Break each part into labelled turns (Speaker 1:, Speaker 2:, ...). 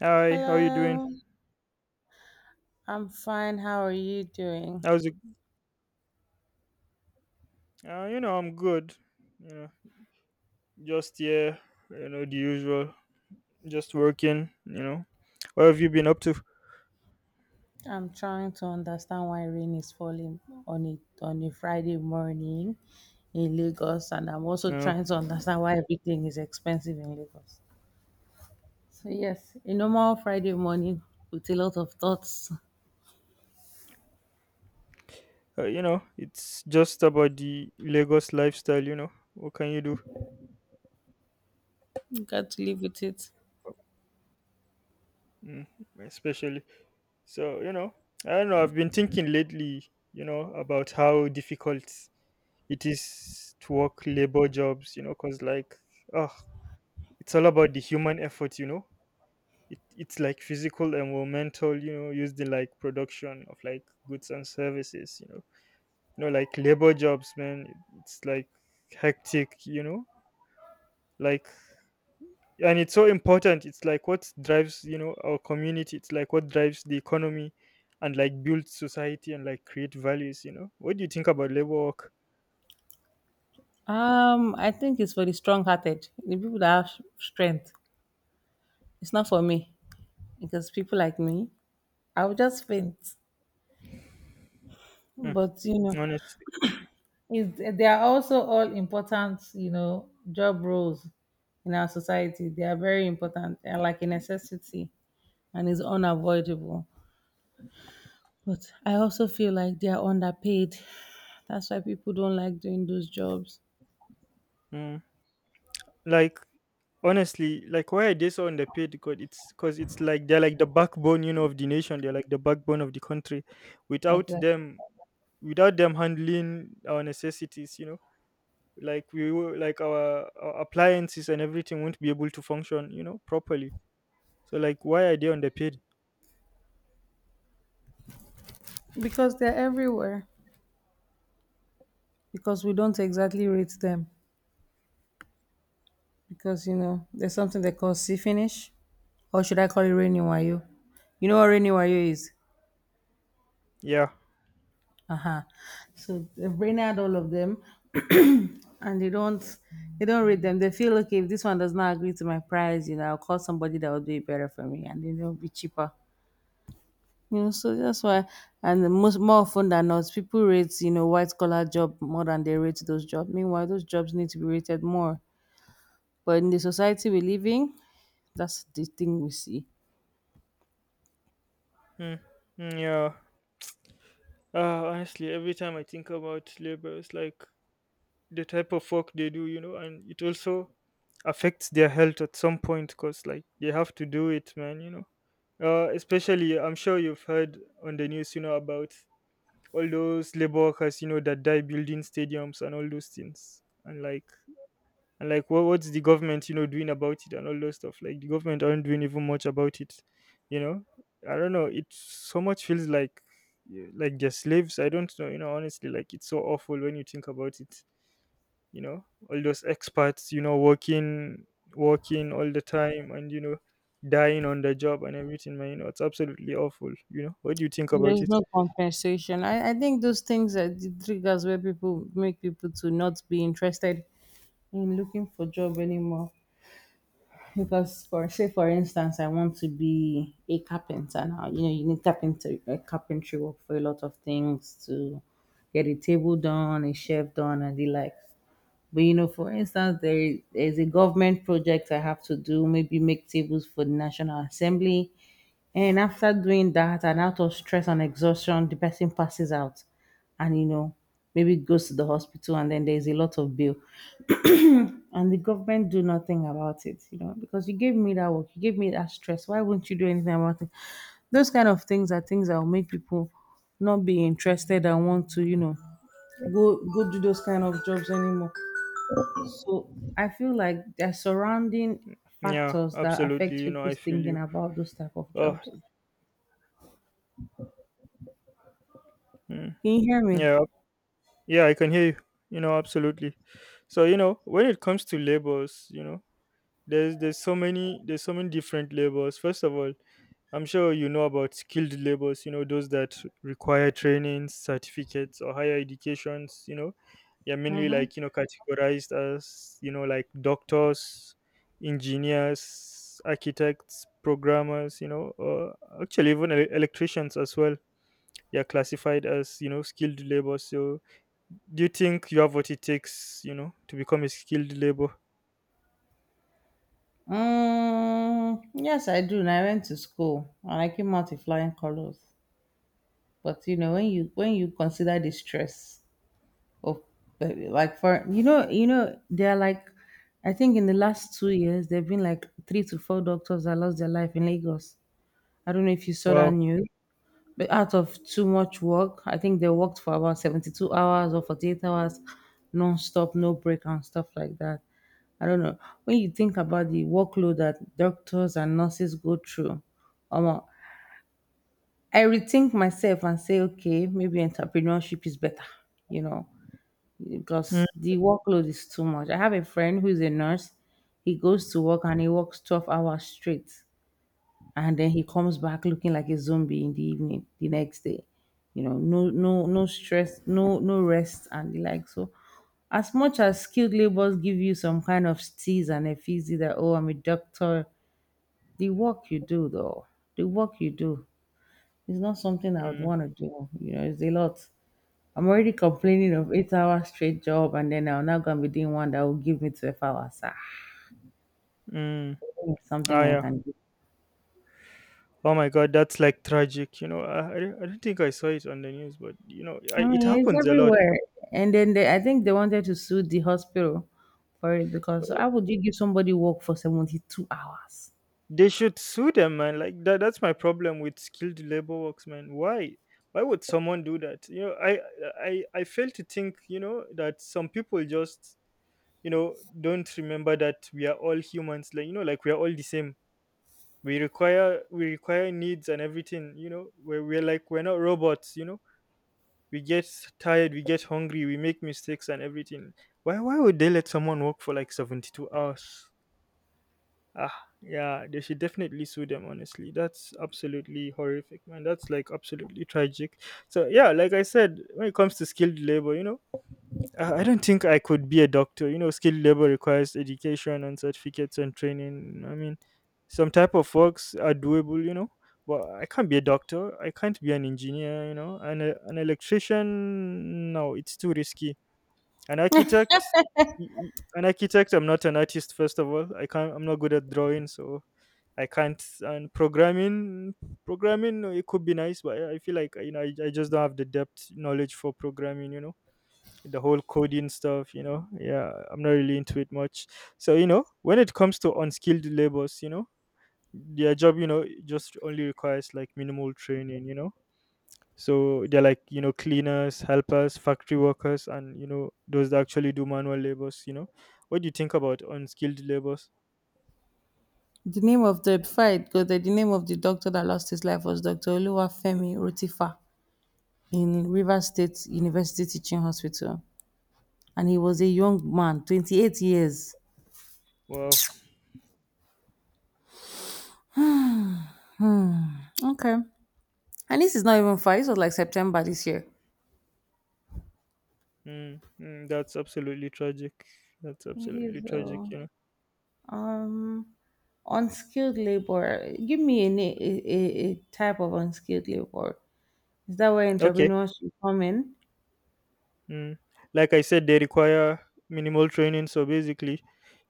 Speaker 1: Hi, how you doing?
Speaker 2: Hello, I'm fine. How are you doing?
Speaker 1: How's it? I'm good. You know, just here. The usual. Just working. What have you been up to?
Speaker 2: I'm trying to understand why rain is falling on it on a Friday morning in Lagos, and I'm also
Speaker 1: You know,
Speaker 2: trying to understand why everything is expensive in Lagos. So yes, a normal Friday morning with a lot of thoughts.
Speaker 1: it's just about the Lagos lifestyle. You know, what can you do?
Speaker 2: You got to live with it.
Speaker 1: Mm, Especially. So you know, I don't know. I've been thinking lately. You know, about how difficult it is to work labor jobs. You know, cause like, oh, it's all about the human effort. It's like physical environmental, you know, used in like production of like goods and services, you know, you know, like labor jobs, man, it's like hectic, you know, like, and it's so important. It's like what drives, you know, our community. It's like what drives the economy and like build society and like create values, you know. What do you think about labor work?
Speaker 2: I think it's for the strong-hearted, the people that have strength. It's not for me because people like me, I will just faint.
Speaker 1: Mm,
Speaker 2: But you know,
Speaker 1: Honestly.
Speaker 2: is they are also all important, you know, job roles in our society. They are very important and like a necessity and is unavoidable, but I also feel like they are underpaid. That's why people don't like doing those jobs.
Speaker 1: Mm. Like, honestly, like why are they so underpaid? Because it's like they're like the backbone, you know, of the nation. They're like the backbone of the country. Without
Speaker 2: Exactly,
Speaker 1: them, without them handling our necessities, you know, like our appliances and everything won't be able to function, you know, properly. So like, why are they underpaid?
Speaker 2: because they're everywhere, because we don't exactly rate them, because you know there's something they call see finish, or should I call it rainy wayo? You know what rainy wayo is.
Speaker 1: Yeah.
Speaker 2: Uh-huh. So they've brain out all of them. And they don't, they don't read them. They feel okay, if this one does not agree to my price, you know, I'll call somebody that will do it better for me, and then it'll be cheaper. You know, so that's why. And the most, more often than not, people rate, you know, white collar job more than they rate those jobs. Meanwhile, those jobs need to be rated more, but in the society we live in, that's the thing we see.
Speaker 1: Mm. Mm, yeah. Honestly, every time I think about labor, it's like the type of work they do, you know, and it also affects their health at some point because, like, they have to do it, man, you know. Especially, I'm sure you've heard on the news, you know, about all those labor workers, you know, that die building stadiums and all those things. And like what's the government, you know, doing about it and all those stuff. Like the government aren't doing even much about it, you know. I don't know. It so much feels like, yeah, like they're slaves. I don't know, you know, honestly, like it's so awful when you think about it, you know. All those experts, you know, working all the time and, you know, dying on the job and everything, man, you know, it's absolutely awful, you know. What do you think
Speaker 2: And
Speaker 1: about
Speaker 2: there's
Speaker 1: it?
Speaker 2: no compensation. I think those things are the triggers where people make people to not be interested in looking for job anymore. Because for say, for instance, I want to be a carpenter now. You know, you need carpenter, carpentry work for a lot of things, to get a table done, a shelf done, and the like. But you know, for instance, there is there's a government project I have to do, maybe make tables for the National Assembly. And after doing that, and out of stress and exhaustion, the person passes out and, you know, maybe goes to the hospital, and then there's a lot of bill. And the government do nothing about it, you know, because you gave me that work, you gave me that stress. Why won't you do anything about it? Those kind of things are things that will make people not be interested and want to, you know, go do those kind of jobs anymore. So I feel like there are surrounding
Speaker 1: Yeah,
Speaker 2: factors that
Speaker 1: absolutely,
Speaker 2: affect
Speaker 1: you know, I
Speaker 2: people's
Speaker 1: feel
Speaker 2: thinking
Speaker 1: you.
Speaker 2: about those type of
Speaker 1: Oh.
Speaker 2: jobs.
Speaker 1: Mm,
Speaker 2: Can you hear me?
Speaker 1: yeah. Yeah, I can hear you. You know, absolutely. So, you know, when it comes to labels, you know, there's so many different labels. First of all, I'm sure you know about skilled labors, you know, those that require trainings, certificates, or higher educations, you know. They're mainly
Speaker 2: Mm-hmm.
Speaker 1: like, you know, categorized as, you know, like doctors, engineers, architects, programmers, you know, or actually even electricians as well. You're classified as, you know, skilled labor. So do you think you have what it takes, you know, to become a skilled labor?
Speaker 2: Yes, I do. And I went to school and I came out in flying colors. But you know, when you consider the stress of, like, for you know, you know, they're like, I think in the last 2 years there've been like three to four doctors that lost their life in Lagos. I don't know if you saw that
Speaker 1: Wow.
Speaker 2: news. But out of too much work, I think they worked for about 72 hours or 48 hours non-stop, no break and stuff like that. I don't know. When you think about the workload that doctors and nurses go through, um, I rethink myself and say, okay, maybe entrepreneurship is better, you know,
Speaker 1: Mm,
Speaker 2: because the workload is too much. I have a friend who is a nurse. He goes to work and he works 12 hours straight, and then he comes back looking like a zombie in the evening the next day. You know, no stress, no rest and the like. So as much as skilled labors give you some kind of tease and a, that oh, I'm a doctor, the work you do though, the work you do is not something I would
Speaker 1: mm,
Speaker 2: want to do. You know, it's a lot. I'm already complaining of 8 hour straight job, and then I'm now gonna be doing one that will give me 12 hours.
Speaker 1: mm.
Speaker 2: It's
Speaker 1: Ah,
Speaker 2: something I
Speaker 1: yeah.
Speaker 2: can do.
Speaker 1: Oh my god, that's like tragic, you know. I don't think I saw it on the news, but you know,
Speaker 2: I
Speaker 1: it
Speaker 2: mean, it's
Speaker 1: happens a lot.
Speaker 2: everywhere. And then they, I think they wanted to sue the hospital for it,
Speaker 1: Uh,
Speaker 2: because how would you give somebody work for 72 hours?
Speaker 1: they should sue them, man, like that. That's my problem with skilled labor works, man. Why would someone do that, you know. I fail to think, you know, that some people just, you know, don't remember that we are all humans, like, you know, like we are all the same. We require needs and everything, you know. We're like, we're not robots, you know. We get tired, we get hungry, we make mistakes and everything. Why would they let someone work for like 72 hours? Ah, yeah, they should definitely sue them, honestly. That's absolutely horrific, man. That's like absolutely tragic. So yeah, like I said, when it comes to skilled labor, you know, I don't think I could be a doctor. You know, skilled labor requires education and certificates and training. I mean, some type of works are doable, you know, but I can't be a doctor. I can't be an engineer, you know, and an electrician. No, it's too risky. An architect, an architect. I'm not an artist. First of all, I can't. I'm not good at drawing, so I can't. And programming, no, it could be nice, but I feel like, you know, I just don't have the depth knowledge for programming. You know, the whole coding stuff, you know. Yeah, I'm not really into it much. So you know, when it comes to unskilled labors, you know, their job, you know, just only requires like minimal training, you know. So they're like, you know, cleaners, helpers, factory workers, and you know those that actually do manual labors, you know. What do you think about unskilled labors?
Speaker 2: The name of the fight, because the name of the doctor that lost his life, was Dr. Oluwafemi Rotifa in River State University Teaching Hospital, and he was a young man, 28 years.
Speaker 1: Wow.
Speaker 2: Okay, and this is not even far. This was like September this year.
Speaker 1: Mm, mm, that's absolutely tragic. That's
Speaker 2: It
Speaker 1: absolutely
Speaker 2: is,
Speaker 1: tragic, you know.
Speaker 2: um, unskilled labor. Give me a, a type of unskilled labor. Is that where
Speaker 1: Okay.
Speaker 2: entrepreneurs should come in?
Speaker 1: Mm. Like I said, they require minimal training. So basically,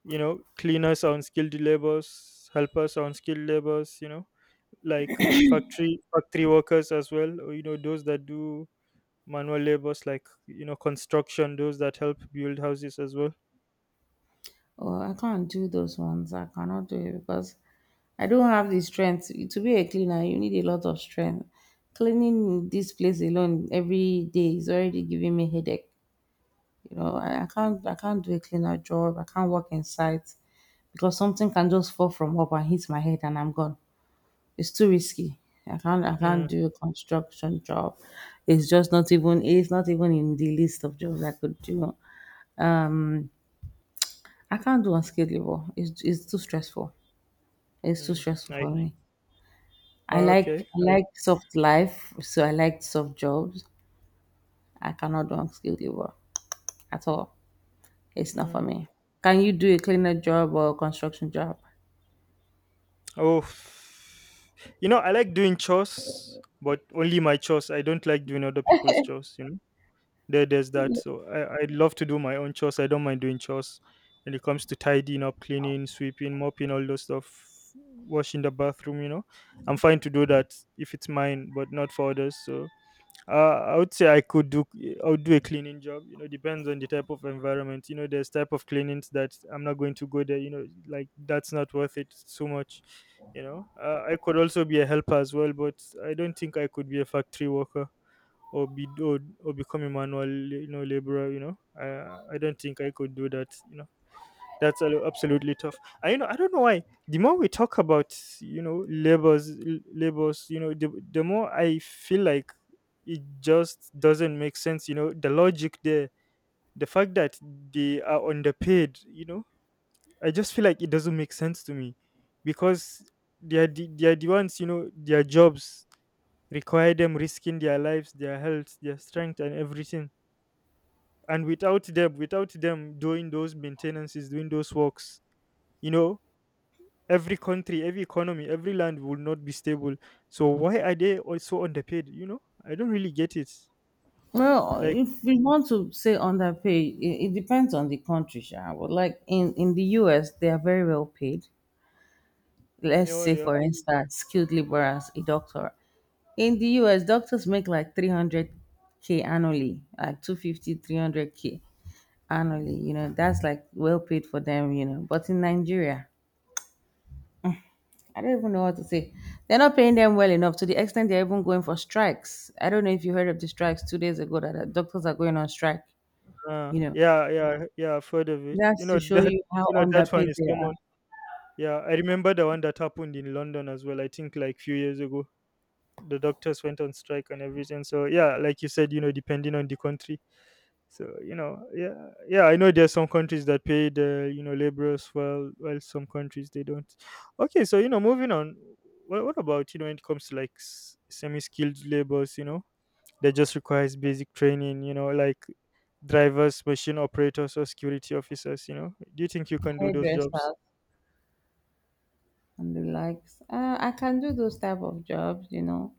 Speaker 1: you know, cleaners are unskilled laborers, helpers are unskilled laborers, you know, like factory workers as well, or you know, those that do manual labors like, you know, construction, those that help build houses as well.
Speaker 2: Oh, I can't do those ones. I cannot do it because I don't have the strength. To be a cleaner, you need a lot of strength. Cleaning this place alone every day is already giving me headache. You know, I can't, I can't do a cleaner job. I can't work in sight, because something can just fall from up and hit my head and I'm gone. It's too risky. I can't
Speaker 1: Mm,
Speaker 2: do a construction job. It's just not even, it's not even in the list of jobs I could do. I can't do unskilled labor. It's too stressful. It's too
Speaker 1: mm,
Speaker 2: stressful
Speaker 1: I
Speaker 2: for me. I
Speaker 1: okay.
Speaker 2: like I
Speaker 1: I
Speaker 2: like soft life, so I like soft jobs. I cannot do unskilled labor at all. It's not for
Speaker 1: mm.
Speaker 2: me. Can you do a cleaner job or a construction job?
Speaker 1: Oh, you know, I like doing chores, but only my chores. I don't like doing other people's chores. You know, there's that. So I love to do my own chores. I don't mind doing chores when it comes to tidying up, cleaning, sweeping, mopping, all those stuff, washing the bathroom. You know, I'm fine to do that if it's mine, but not for others. So I would say I would do a cleaning job. You know, depends on the type of environment. You know, there's type of cleanings that I'm not going to go there. You know, like that's not worth it so much. You know, I could also be a helper as well, but I don't think I could be a factory worker or be or, or become a manual, you know, laborer. You know, I don't think I could do that. You know, that's absolutely tough. I, you know, I don't know why. The more we talk about, you know, labors, you know, the more I feel like it just doesn't make sense. You know, the logic there, the fact that they are underpaid. You know, I just feel like it doesn't make sense to me, because they are the ones, you know, their jobs require them risking their lives, their health, their strength, and everything. And without them doing those maintenances, doing those works, you know, every country, every economy, every land will not be stable. So why are they also underpaid? You know, I don't really get it.
Speaker 2: Well,
Speaker 1: Like,
Speaker 2: if we want to say underpaid, it depends on the country. Sha. But like in the US, they are very well paid.
Speaker 1: you
Speaker 2: Let's
Speaker 1: know,
Speaker 2: say,
Speaker 1: yeah,
Speaker 2: for instance, skilled labor as a doctor. In the US, doctors make like 300K annually, like 250, 300 k annually. You know, that's like well paid for them, you know. But in Nigeria, I don't even know what to say. They're not paying them well enough to the extent they're even going for strikes. I don't know if you heard of the strikes 2 days ago, that doctors are going on strike,
Speaker 1: uh,
Speaker 2: you know.
Speaker 1: yeah, yeah, yeah, I've heard of it. You
Speaker 2: That's
Speaker 1: know,
Speaker 2: to show
Speaker 1: that,
Speaker 2: you how
Speaker 1: you know that one
Speaker 2: underpaid
Speaker 1: is
Speaker 2: they are.
Speaker 1: common. Yeah, I remember the one that happened in London as well. I think like few years ago. The doctors went on strike and everything. So yeah, like you said, you know, depending on the country. So you know, yeah, yeah, I know there's some countries that pay the, you know, laborers well, while some countries they don't. Okay, so you know, moving on. What about, you know, when it comes to like semi-skilled labors? You know, that just requires basic training. You know, like drivers, machine operators, or security officers. You know, do you think you can do those jobs?
Speaker 2: Hairdressers and the likes. I can do those type of jobs, you know.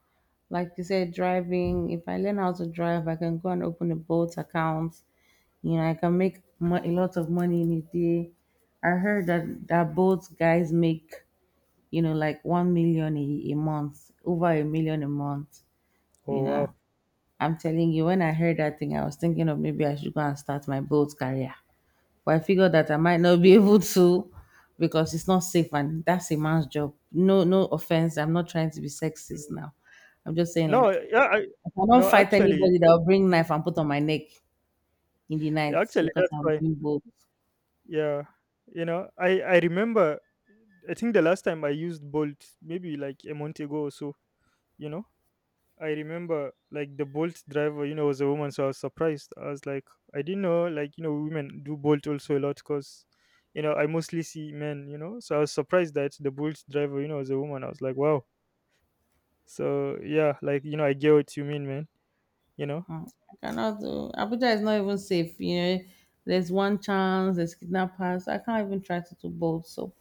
Speaker 2: Like you said, driving. If I learn how to drive, I can go and open a boat account. You know, I can make a lot of money in a day. I heard that that boat guys make, you know, like 1 million a month, over a million a month. You
Speaker 1: Oh
Speaker 2: know,
Speaker 1: wow.
Speaker 2: I'm telling you, when I heard that thing, I was thinking of maybe I should go and start my boat career. But I figured that I might not be able to, because it's not safe, and that's a man's job. No, no offense. I'm not trying to be sexist
Speaker 1: Mm,
Speaker 2: now. I'm just saying,
Speaker 1: no,
Speaker 2: like,
Speaker 1: yeah, I,
Speaker 2: I cannot
Speaker 1: no,
Speaker 2: fight
Speaker 1: actually,
Speaker 2: anybody that will bring
Speaker 1: mm,
Speaker 2: knife and put on my neck in the night
Speaker 1: actually,
Speaker 2: because
Speaker 1: that's
Speaker 2: I'm
Speaker 1: why.
Speaker 2: doing both.
Speaker 1: Yeah, you know, I remember. I think the last time I used Bolt, maybe like a month ago or so. You know, I remember like the Bolt driver, you know, was a woman, so I was surprised. I was like, I didn't know, like, you know, women do Bolt also a lot because, you know, I mostly see men, you know, so I was surprised that the Bolt driver, you know, was a woman. I was like, wow. So yeah, like, you know, I get what you mean, man. You know,
Speaker 2: Mm, I cannot do. Abuja is not even safe, you know. There's one chance, there's kidnappers. I can't even try to do both. So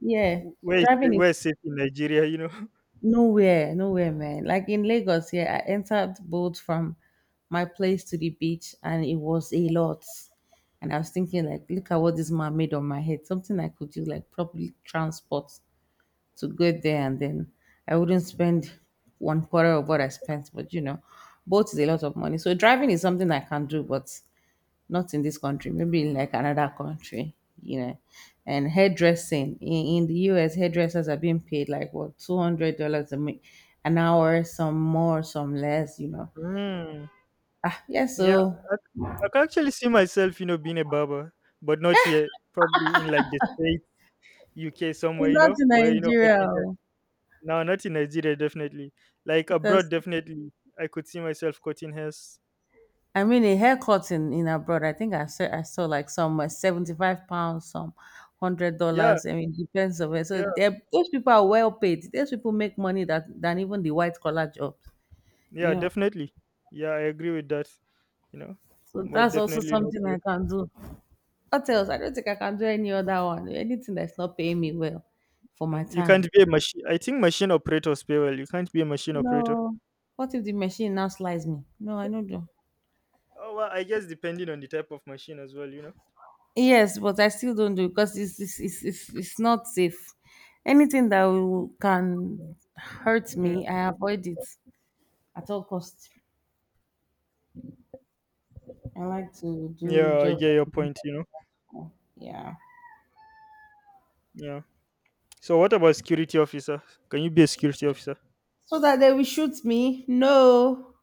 Speaker 2: yeah. Driving
Speaker 1: Where
Speaker 2: is
Speaker 1: is safe in Nigeria, you know?
Speaker 2: nowhere, nowhere, man. Like in Lagos, yeah, I entered boat from my place to the beach, and it was a lot. And I was thinking, like, look at what this man made on my head. Something I could do, like probably transport to get there, and then I wouldn't spend one quarter of what I spent. But you know, boat is a lot of money. So driving is something I can do, but not in this country, maybe in like another country, you know. And hairdressing, in the US, hairdressers are being paid like what, $200 a an hour, some more, some less, you know.
Speaker 1: Mm,
Speaker 2: Ah, yeah,
Speaker 1: yeah,
Speaker 2: so
Speaker 1: I, I can actually see myself, you know, being a barber, but not here. Probably in like the States, UK,
Speaker 2: we're
Speaker 1: somewhere, you
Speaker 2: not
Speaker 1: know,
Speaker 2: in
Speaker 1: where you know,
Speaker 2: Nigeria oh,
Speaker 1: no, not in Nigeria, definitely. Like abroad,
Speaker 2: because
Speaker 1: definitely. I could see myself cutting hairs.
Speaker 2: I mean a haircut in abroad. I think I saw like some, £75, some hundred
Speaker 1: Yeah,
Speaker 2: dollars. I mean, depends on where. So
Speaker 1: yeah,
Speaker 2: they're- those people are well paid. Those people make money that than even the white collar jobs.
Speaker 1: yeah,
Speaker 2: You know.
Speaker 1: definitely. Yeah, I agree with that, you know.
Speaker 2: So
Speaker 1: But
Speaker 2: that's also
Speaker 1: definitely not
Speaker 2: something I
Speaker 1: here.
Speaker 2: can do. What else? I don't think I can do any other one. Anything that's not paying me well for my
Speaker 1: Mm. You
Speaker 2: time.
Speaker 1: can't be a machine. I think machine operators pay well. You can't be a machine operator.
Speaker 2: No. What if the machine now slices me? No, I don't do.
Speaker 1: Oh, well, I guess depending on the type of machine as well, you know.
Speaker 2: Yes, but I still don't do because it's not safe. Anything that will, can hurt
Speaker 1: Mm.
Speaker 2: me, I avoid it at all costs. I like to do
Speaker 1: Yeah, I
Speaker 2: job.
Speaker 1: get your point, you know.
Speaker 2: Yeah.
Speaker 1: Yeah. So what about security officer? Can you be a security officer?
Speaker 2: So that they will shoot me. No.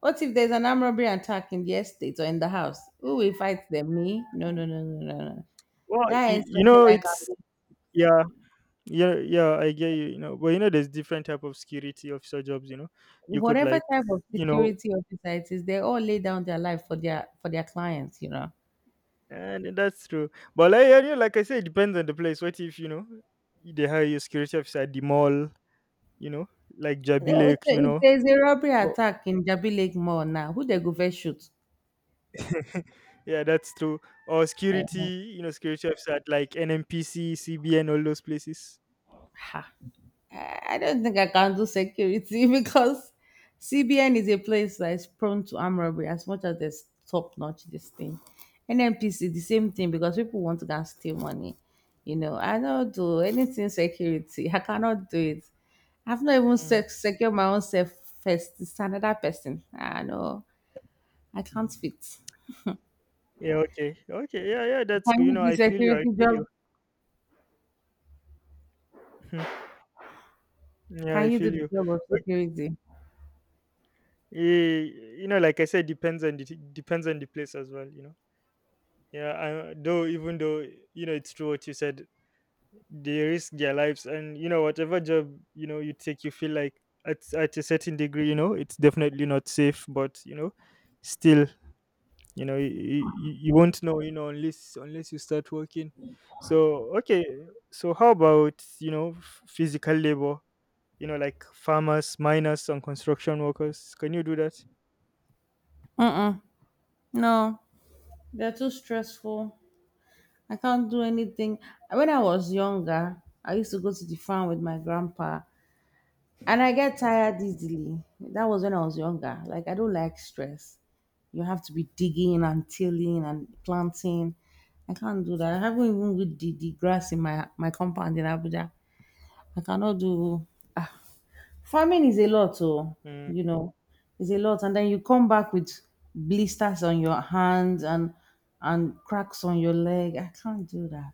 Speaker 2: What if there's an armed robbery attack in the estate or in the house? Who will fight them? Me? No, no, no, no, no, no.
Speaker 1: Well,
Speaker 2: That is
Speaker 1: you
Speaker 2: something
Speaker 1: know,
Speaker 2: I can
Speaker 1: it's
Speaker 2: do.
Speaker 1: yeah. Yeah, yeah, I get you. You know, but you know there's different type of security officer jobs, you know. you could
Speaker 2: Whatever
Speaker 1: like
Speaker 2: type of
Speaker 1: you know
Speaker 2: security officer it is, they all lay down their life for their clients, you know.
Speaker 1: and that's true. But yeah, yeah, like I said, it depends on the place. What if they hire you a security officer at the mall, you know, like
Speaker 2: Eh, eh,
Speaker 1: Jabilek,
Speaker 2: so
Speaker 1: you
Speaker 2: if
Speaker 1: know?
Speaker 2: there's a robbery attack in Jabi Lake Mall now, who they go first shoot?
Speaker 1: Yeah, that's true. Or
Speaker 2: Eh,
Speaker 1: security, you know, security apps at like NMPC, CBN, all those places.
Speaker 2: ha. I don't think I can do security because CBN is a place that is prone to armed robbery as much as there's top notch this thing. NMPC, the same thing because people want to go and steal money. You know, I don't do anything security. I cannot do it. I've not even
Speaker 1: Mm.
Speaker 2: secured my own self first. It's another person. I know I can't fit.
Speaker 1: Yeah, okay. Okay, yeah, yeah, that's good.
Speaker 2: Can
Speaker 1: You
Speaker 2: you
Speaker 1: know,
Speaker 2: do
Speaker 1: I feel you, I
Speaker 2: security
Speaker 1: feel
Speaker 2: job?
Speaker 1: you. Yeah, I
Speaker 2: Can you do
Speaker 1: feel
Speaker 2: the
Speaker 1: you.
Speaker 2: job of security?
Speaker 1: Eh, you know, like I said, depends on the depends on the place as well. You know, yeah. I, though, even though you know it's true what you said, they risk their lives, and whatever job you take, you feel like at a certain degree, you know, it's definitely not safe. But you know, still, you know, you won't know, you know, unless you start working. So okay, so how about physical labor? You know, like farmers, miners, and construction workers. Can you do that?
Speaker 2: Mm-mm. No, they're too stressful. I can't do anything. When I was younger, I used to go to the farm with my grandpa and I get tired easily. That was when I was younger. Like, I don't like stress. You have to be digging and tilling and planting. I can't do that. I haven't even good the grass in my compound in Abuja. I cannot do. Ah. Farming is a lot, oh,
Speaker 1: Mm,
Speaker 2: you know, it's a lot. And then you come back with blisters on your hands and cracks on your leg. I can't do that.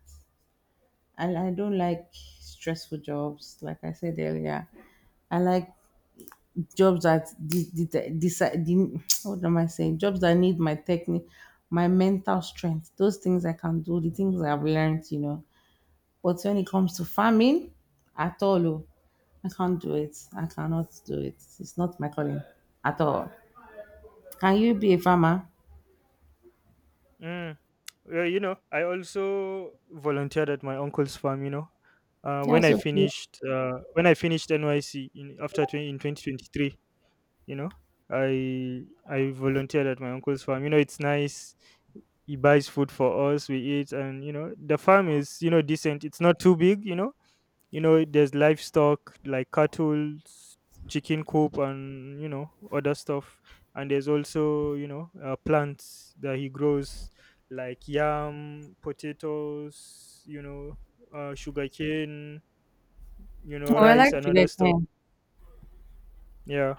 Speaker 2: I don't like stressful jobs. Like I said earlier, I like jobs that what am I saying? Jobs that need my technique, my mental strength. Those things I can do. The things I've learned, you know. But when it comes to farming, at all, oh, I can't do it. I cannot do it. It's not my calling at all. Can you be a farmer?
Speaker 1: mm. Well, you know, I also volunteered at my uncle's farm. You know,
Speaker 2: Yeah, so
Speaker 1: when I finished NYC in after 20, in 2023, you know, I I volunteered at my uncle's farm. You know, it's nice. He buys food for us. We eat, and you know, the farm is decent. It's not too big. You know there's livestock like cattle, chicken coop, and you know other stuff. And there's also, you know, plants that he grows, like yam, potatoes, you know, sugarcane, you know,
Speaker 2: well,
Speaker 1: rice and
Speaker 2: actually,
Speaker 1: other
Speaker 2: I
Speaker 1: stuff.
Speaker 2: can.
Speaker 1: Yeah,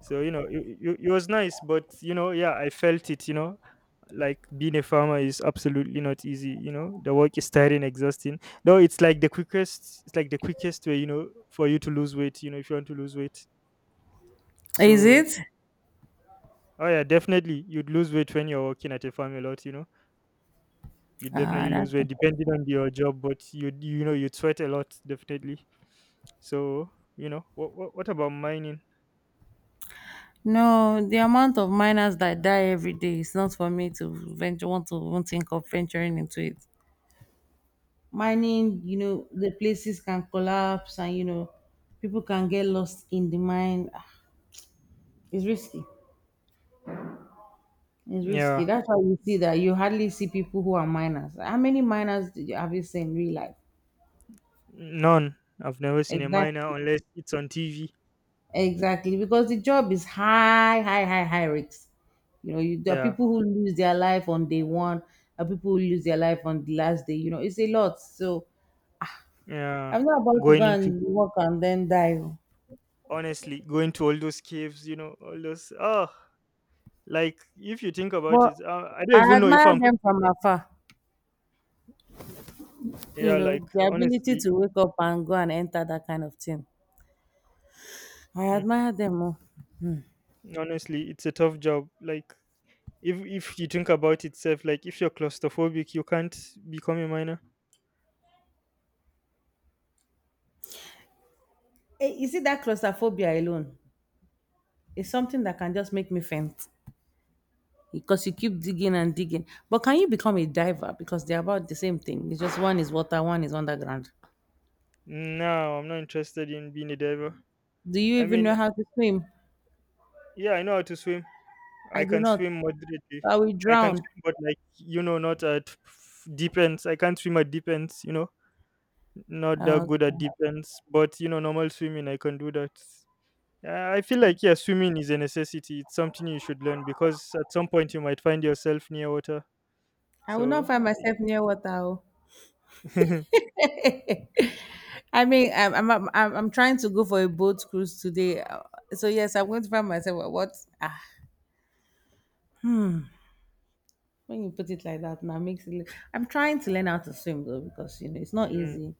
Speaker 1: so you know it was nice. But you know, yeah, I felt it, you know. Like being a farmer is absolutely not easy. You know, the work is tiring, exhausting. Though it's like the quickest, it's like the quickest way, you know, for you to lose weight, you know, if you want to lose weight.
Speaker 2: Is
Speaker 1: So
Speaker 2: it?
Speaker 1: oh yeah, definitely you'd lose weight when you're working at a farm a lot, you know. You
Speaker 2: Ah,
Speaker 1: definitely lose
Speaker 2: that's
Speaker 1: weight
Speaker 2: okay.
Speaker 1: depending on your job, but you know, you sweat a lot, definitely. So you know what about mining?
Speaker 2: No, the amount of miners that die every day is not for me to venture, want to even think of venturing into it. Mining, you know, the places can collapse and, you know, people can get lost in the mine. Ah, it's risky. It's
Speaker 1: Yeah,
Speaker 2: risky. That's why you see that you hardly see people who are miners. How many miners have you seen in real life?
Speaker 1: none. I've never seen a miner
Speaker 2: Exactly.
Speaker 1: unless it's on TV.
Speaker 2: Exactly, because the job is high, high, high, high risks. You know, you, there are
Speaker 1: Yeah,
Speaker 2: people who lose their life on day one, there are people who lose their life on the last day. You know, it's a lot. So
Speaker 1: yeah.
Speaker 2: I'm not about to go
Speaker 1: Going into,
Speaker 2: and work and then die. Oh.
Speaker 1: honestly, going to all those caves, you know, all those, oh, like if you think about
Speaker 2: But
Speaker 1: it, I
Speaker 2: I
Speaker 1: don't even know if
Speaker 2: admire
Speaker 1: I'm,
Speaker 2: them from afar. You
Speaker 1: yeah, like,
Speaker 2: know, the ability
Speaker 1: honestly,
Speaker 2: to wake up and go and enter that kind of thing. I
Speaker 1: mm,
Speaker 2: admire them more.
Speaker 1: honestly, it's a tough job. Like, if you think about itself, like, if you're claustrophobic, you can't become a miner.
Speaker 2: Eh, is it that claustrophobia alone? It's something that can just make me faint, because you keep digging and digging. But can you become a diver? Because they're about the same thing. It's just one is water, one is underground.
Speaker 1: No, I'm not interested in being a diver.
Speaker 2: Do you
Speaker 1: i
Speaker 2: even
Speaker 1: mean
Speaker 2: know how to swim?
Speaker 1: yeah, I know how to swim. I
Speaker 2: I do
Speaker 1: can
Speaker 2: not.
Speaker 1: swim moderately.
Speaker 2: So I will
Speaker 1: I can
Speaker 2: drown.
Speaker 1: swim, but like, you know, not at deep ends. I can't swim at deep ends, you know. Not that
Speaker 2: Uh,
Speaker 1: good at deep ends, but you know, normal swimming, I can do that. I feel like, yeah, swimming is a necessity. It's something you should learn because at some point you might find yourself near water.
Speaker 2: I will not
Speaker 1: So
Speaker 2: find
Speaker 1: I,
Speaker 2: myself near water. Oh. I mean, I'm trying to go for a boat cruise today. So yes, I'm going to find myself. At what? Ah, when you put it like that, now makes it. I'm trying to learn how to swim though, because you know it's not
Speaker 1: Mm,
Speaker 2: easy.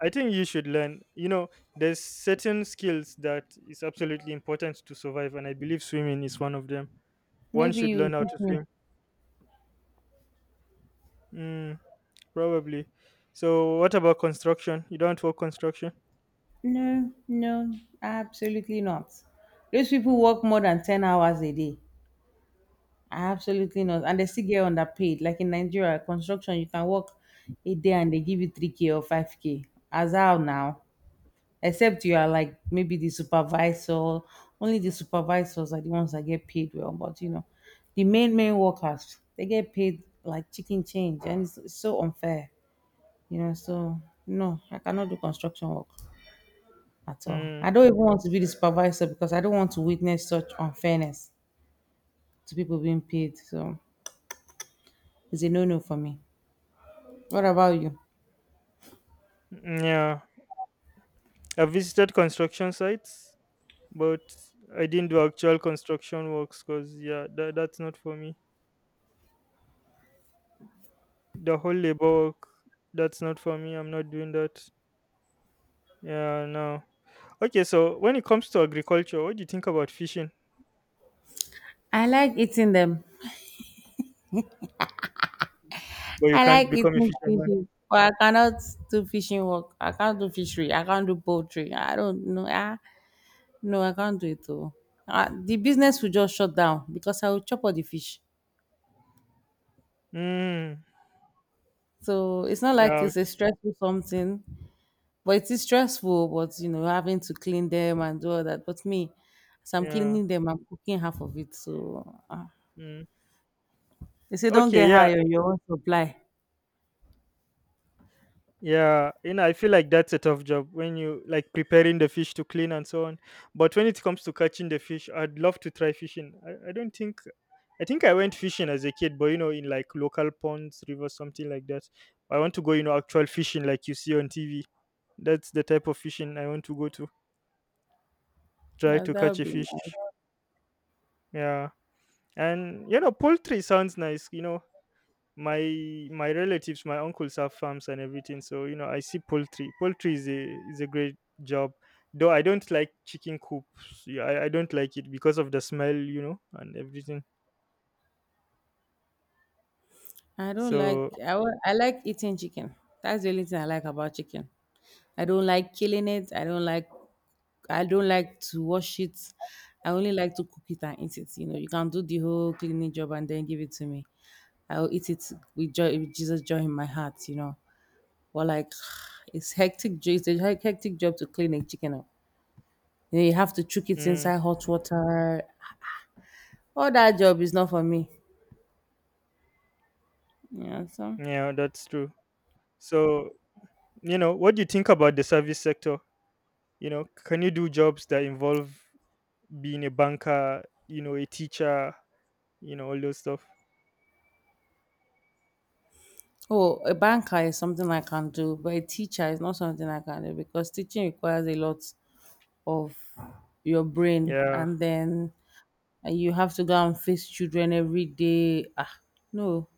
Speaker 1: I think you should learn. You know, there's certain skills that is absolutely important to survive, and I believe swimming is one of them. One
Speaker 2: Maybe
Speaker 1: should
Speaker 2: you
Speaker 1: learn how
Speaker 2: teach
Speaker 1: to
Speaker 2: me.
Speaker 1: swim. Mm, probably. So, what about construction? You don't work construction?
Speaker 2: No, no, absolutely not. Those people work more than 10 hours a day. Absolutely not. And they still get underpaid. Like in Nigeria, construction, you can work a day and they give you 3K or 5K. As how now? Except you are like maybe the supervisor. Only the supervisors are the ones that get paid well. But you know, the main, main workers, they get paid like chicken change. And it's so unfair, you know. So, no, I cannot do construction work at all.
Speaker 1: Mm,
Speaker 2: I don't even want to be the supervisor because I don't want to witness such unfairness to people being paid. So it's a no no for me. What about you?
Speaker 1: yeah. I've visited construction sites, but I didn't do actual construction works because yeah, that's not for me. The whole labor work, that's not for me. I'm not doing that. Yeah, no. Okay, so when it comes to agriculture, what do you think about fishing?
Speaker 2: I like eating them.
Speaker 1: But you
Speaker 2: I
Speaker 1: can't
Speaker 2: like
Speaker 1: become a
Speaker 2: eating
Speaker 1: fisherman.
Speaker 2: fishes. But I cannot do fishing work. I can't do fishery. I can't do poultry. I don't know. Ah, no, I can't do it all. Ah, the business will just shut down because I will chop all the fish.
Speaker 1: Mm.
Speaker 2: So it's not like it's a
Speaker 1: Ouch.
Speaker 2: stressful something. But it is stressful, but you know, having to clean them and do all that. But me, as I'm
Speaker 1: Yeah.
Speaker 2: cleaning them, I'm cooking half of it. So
Speaker 1: Mm.
Speaker 2: they say don't
Speaker 1: Okay.
Speaker 2: get
Speaker 1: Yeah.
Speaker 2: high on your own supply.
Speaker 1: Yeah, you know, I feel like that's a tough job when you like preparing the fish to clean and so on. But when it comes to catching the fish, I'd love to try fishing. I don't think I think I went fishing as a kid, but you know, in like local ponds, rivers, something like that. I want to go, you know, actual fishing like you see on TV. That's the type of fishing I want to go to. Try
Speaker 2: Yeah,
Speaker 1: to
Speaker 2: that
Speaker 1: catch
Speaker 2: would
Speaker 1: a
Speaker 2: be
Speaker 1: fish.
Speaker 2: nice.
Speaker 1: Yeah. And you know, poultry sounds nice, you know. My relatives, my uncles have farms and everything, so you know I see poultry. Poultry is a great job, though I don't like chicken coops. Yeah, I don't like it because of the smell, you know, and everything.
Speaker 2: I don't like
Speaker 1: So
Speaker 2: I like eating chicken. That's the only thing I like about chicken. I don't like killing it. I don't like to wash it. I only like to cook it and eat it. You know, you can do the whole cleaning job and then give it to me. I will eat it with joy, with Jesus joy in my heart. You know. But like it's hectic. It's a hectic job to clean a chicken up. You know, you have to chuck it
Speaker 1: mm,
Speaker 2: inside hot water. All that job is not for me. Yeah. So
Speaker 1: yeah, that's true. So you know, what do you think about the service sector? You know, can you do jobs that involve being a banker, you know, a teacher, you know, all those stuff?
Speaker 2: oh, a banker is something I can do, but a teacher is not something I can do because teaching requires a lot of your brain,
Speaker 1: Yeah.
Speaker 2: and then and you have to go and face children every day. Ah, no.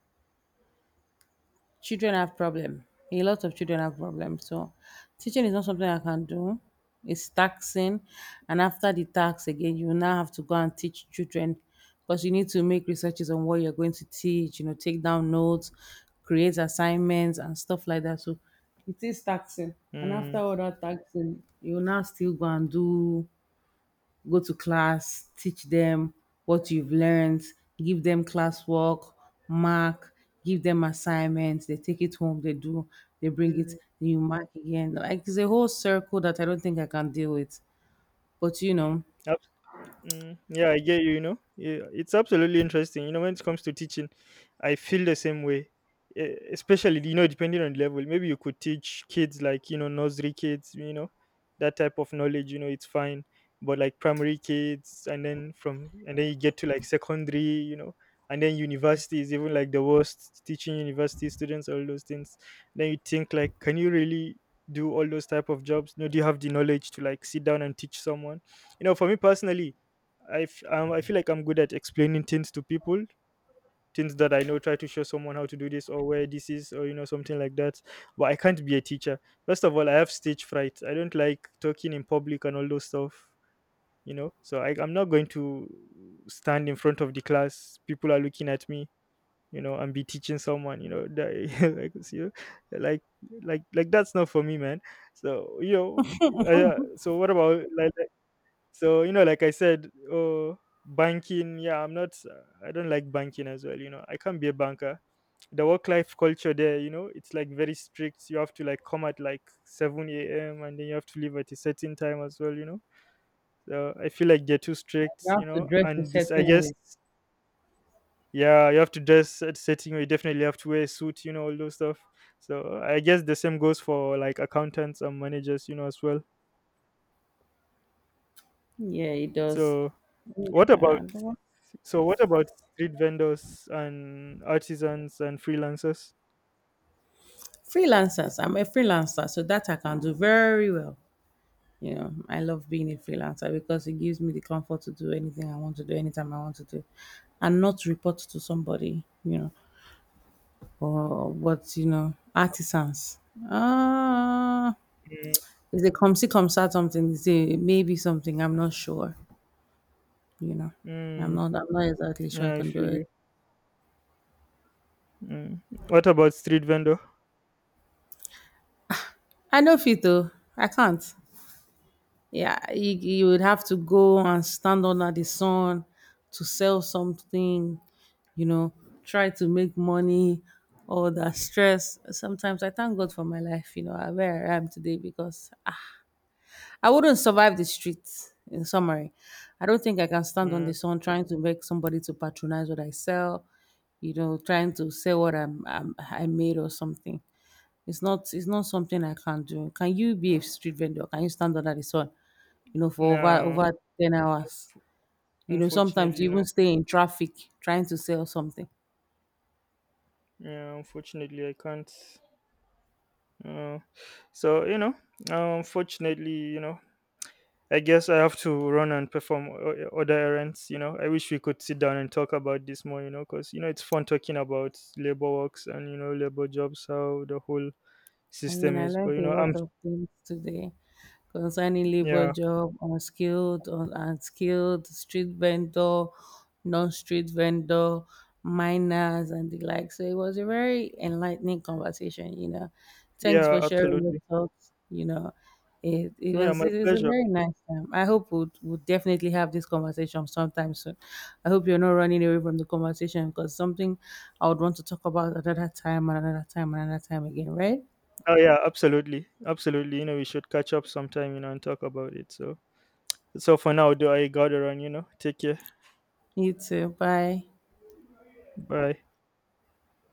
Speaker 2: Children have problem. A lot of children have problems. So teaching is not something I can do. It's taxing, and after the tax again, you now have to go and teach children because you need to make researches on what you're going to teach. You know, take down notes, create assignments, and stuff like that. So it is taxing, and after
Speaker 1: 嗯，
Speaker 2: all that taxing, you now still go and do go to class, teach them what you've learned, give them classwork, mark, give them assignments, they take it home, they do, they bring it,
Speaker 1: 嗯。
Speaker 2: then you mark again. Like it's a whole circle that I don't think I can deal with. But you
Speaker 1: 嗯，
Speaker 2: know,
Speaker 1: Mm, yeah, I get you. You know, yeah, it's absolutely interesting. You know, when it comes to teaching, I feel the same way. Especially, you know, depending on the level, maybe you could teach kids like you know nursery kids, you know, that type of knowledge. You know, it's fine. But like primary kids, and then you get to like secondary, you know, and then universities, even like the worst teaching university students, all those things. Then you think like, can you really do all those type of jobs? No, do you have the knowledge to like sit down and teach someone? You know, for me personally, I feel like I'm good at explaining things to people, things that I know. Try to show someone how to do this or where this is, or you know something like that. But I can't be a teacher. First of all, I have stage fright. I don't like talking in public and all those stuff. You know, so I, I'm not going to stand in front of the class. People are looking at me. You know, and be teaching someone. You know, that, like you know, like that's not for me, man. So you know, I, so what about like, so, you know, like I said, oh, banking, yeah, I'm not, I don't like banking as well. You know, I can't be a banker. The work life culture there, you know, it's like very strict. You have to like come at like 7 a.m. and then you have to leave at a certain time as well, you know. So I feel like they're too strict,
Speaker 2: you have
Speaker 1: you
Speaker 2: to
Speaker 1: know,
Speaker 2: dress a
Speaker 1: and this, I
Speaker 2: certain
Speaker 1: guess,
Speaker 2: way.
Speaker 1: yeah, you have to dress at setting, you definitely have to wear a suit, you know, all those stuff. So I guess the same goes for like accountants and managers, you know, as well.
Speaker 2: Yeah, it does.
Speaker 1: So what about,
Speaker 2: Yeah. I don't want-
Speaker 1: so what about street vendors and artisans and freelancers?
Speaker 2: Freelancers. I'm a freelancer, so that I can do very well. You know, I love being a freelancer because it gives me the comfort to do anything I want to do anytime I want to do and not report to somebody, you know, or what, you know, artisans. Ah,
Speaker 1: Mm,
Speaker 2: if they come see, come start something, they say maybe something, I'm not sure, you know.
Speaker 1: mm,
Speaker 2: I'm not exactly sure I
Speaker 1: yeah, I
Speaker 2: can do
Speaker 1: feel you.
Speaker 2: it.
Speaker 1: Mm. What about street vendor?
Speaker 2: I know fit though. I can't. Yeah, you would have to go and stand under the sun to sell something, you know, try to make money, all that stress. Sometimes I thank God for my life, you know, where I am today because ah, I wouldn't survive the streets. In summary, I don't think I can stand on the
Speaker 1: Mm,
Speaker 2: sun trying to beg somebody to patronize what I sell, you know, trying to sell what I made or something. It's not something I can do. Can you be a street vendor? Can you stand under the sun? You know, for over
Speaker 1: no,
Speaker 2: over 10 hours. You know, sometimes
Speaker 1: unfortunately,
Speaker 2: you
Speaker 1: no.
Speaker 2: even stay in traffic trying to sell something.
Speaker 1: Yeah, unfortunately, I can't. Uh, so you know, unfortunately, you know, I guess I have to run and perform other errands. You know, I wish we could sit down and talk about this more. You know, because you know it's fun talking about labor works and you know labor jobs, how the whole
Speaker 2: I mean,
Speaker 1: system
Speaker 2: I
Speaker 1: is. But
Speaker 2: learned
Speaker 1: you
Speaker 2: a
Speaker 1: know,
Speaker 2: lot
Speaker 1: I'm
Speaker 2: of things today concerning labor
Speaker 1: yeah,
Speaker 2: job, unskilled, unskilled, street vendor, non-street vendor, miners, and the like. So it was a very enlightening conversation. You know, thanks
Speaker 1: yeah,
Speaker 2: for sharing your
Speaker 1: absolutely,
Speaker 2: thoughts. You know, it
Speaker 1: yeah,
Speaker 2: was
Speaker 1: my
Speaker 2: it was a
Speaker 1: pleasure.
Speaker 2: very nice time. I hope we'll definitely have this conversation sometime soon. I hope you're not running away from the conversation because something I would want to talk about another time, and another time, and another time again, right?
Speaker 1: Oh yeah, absolutely, absolutely. You know, we should catch up sometime. You know, and talk about it. So so for now, do I gotta run? You know, take care.
Speaker 2: You too. Bye.
Speaker 1: Bye.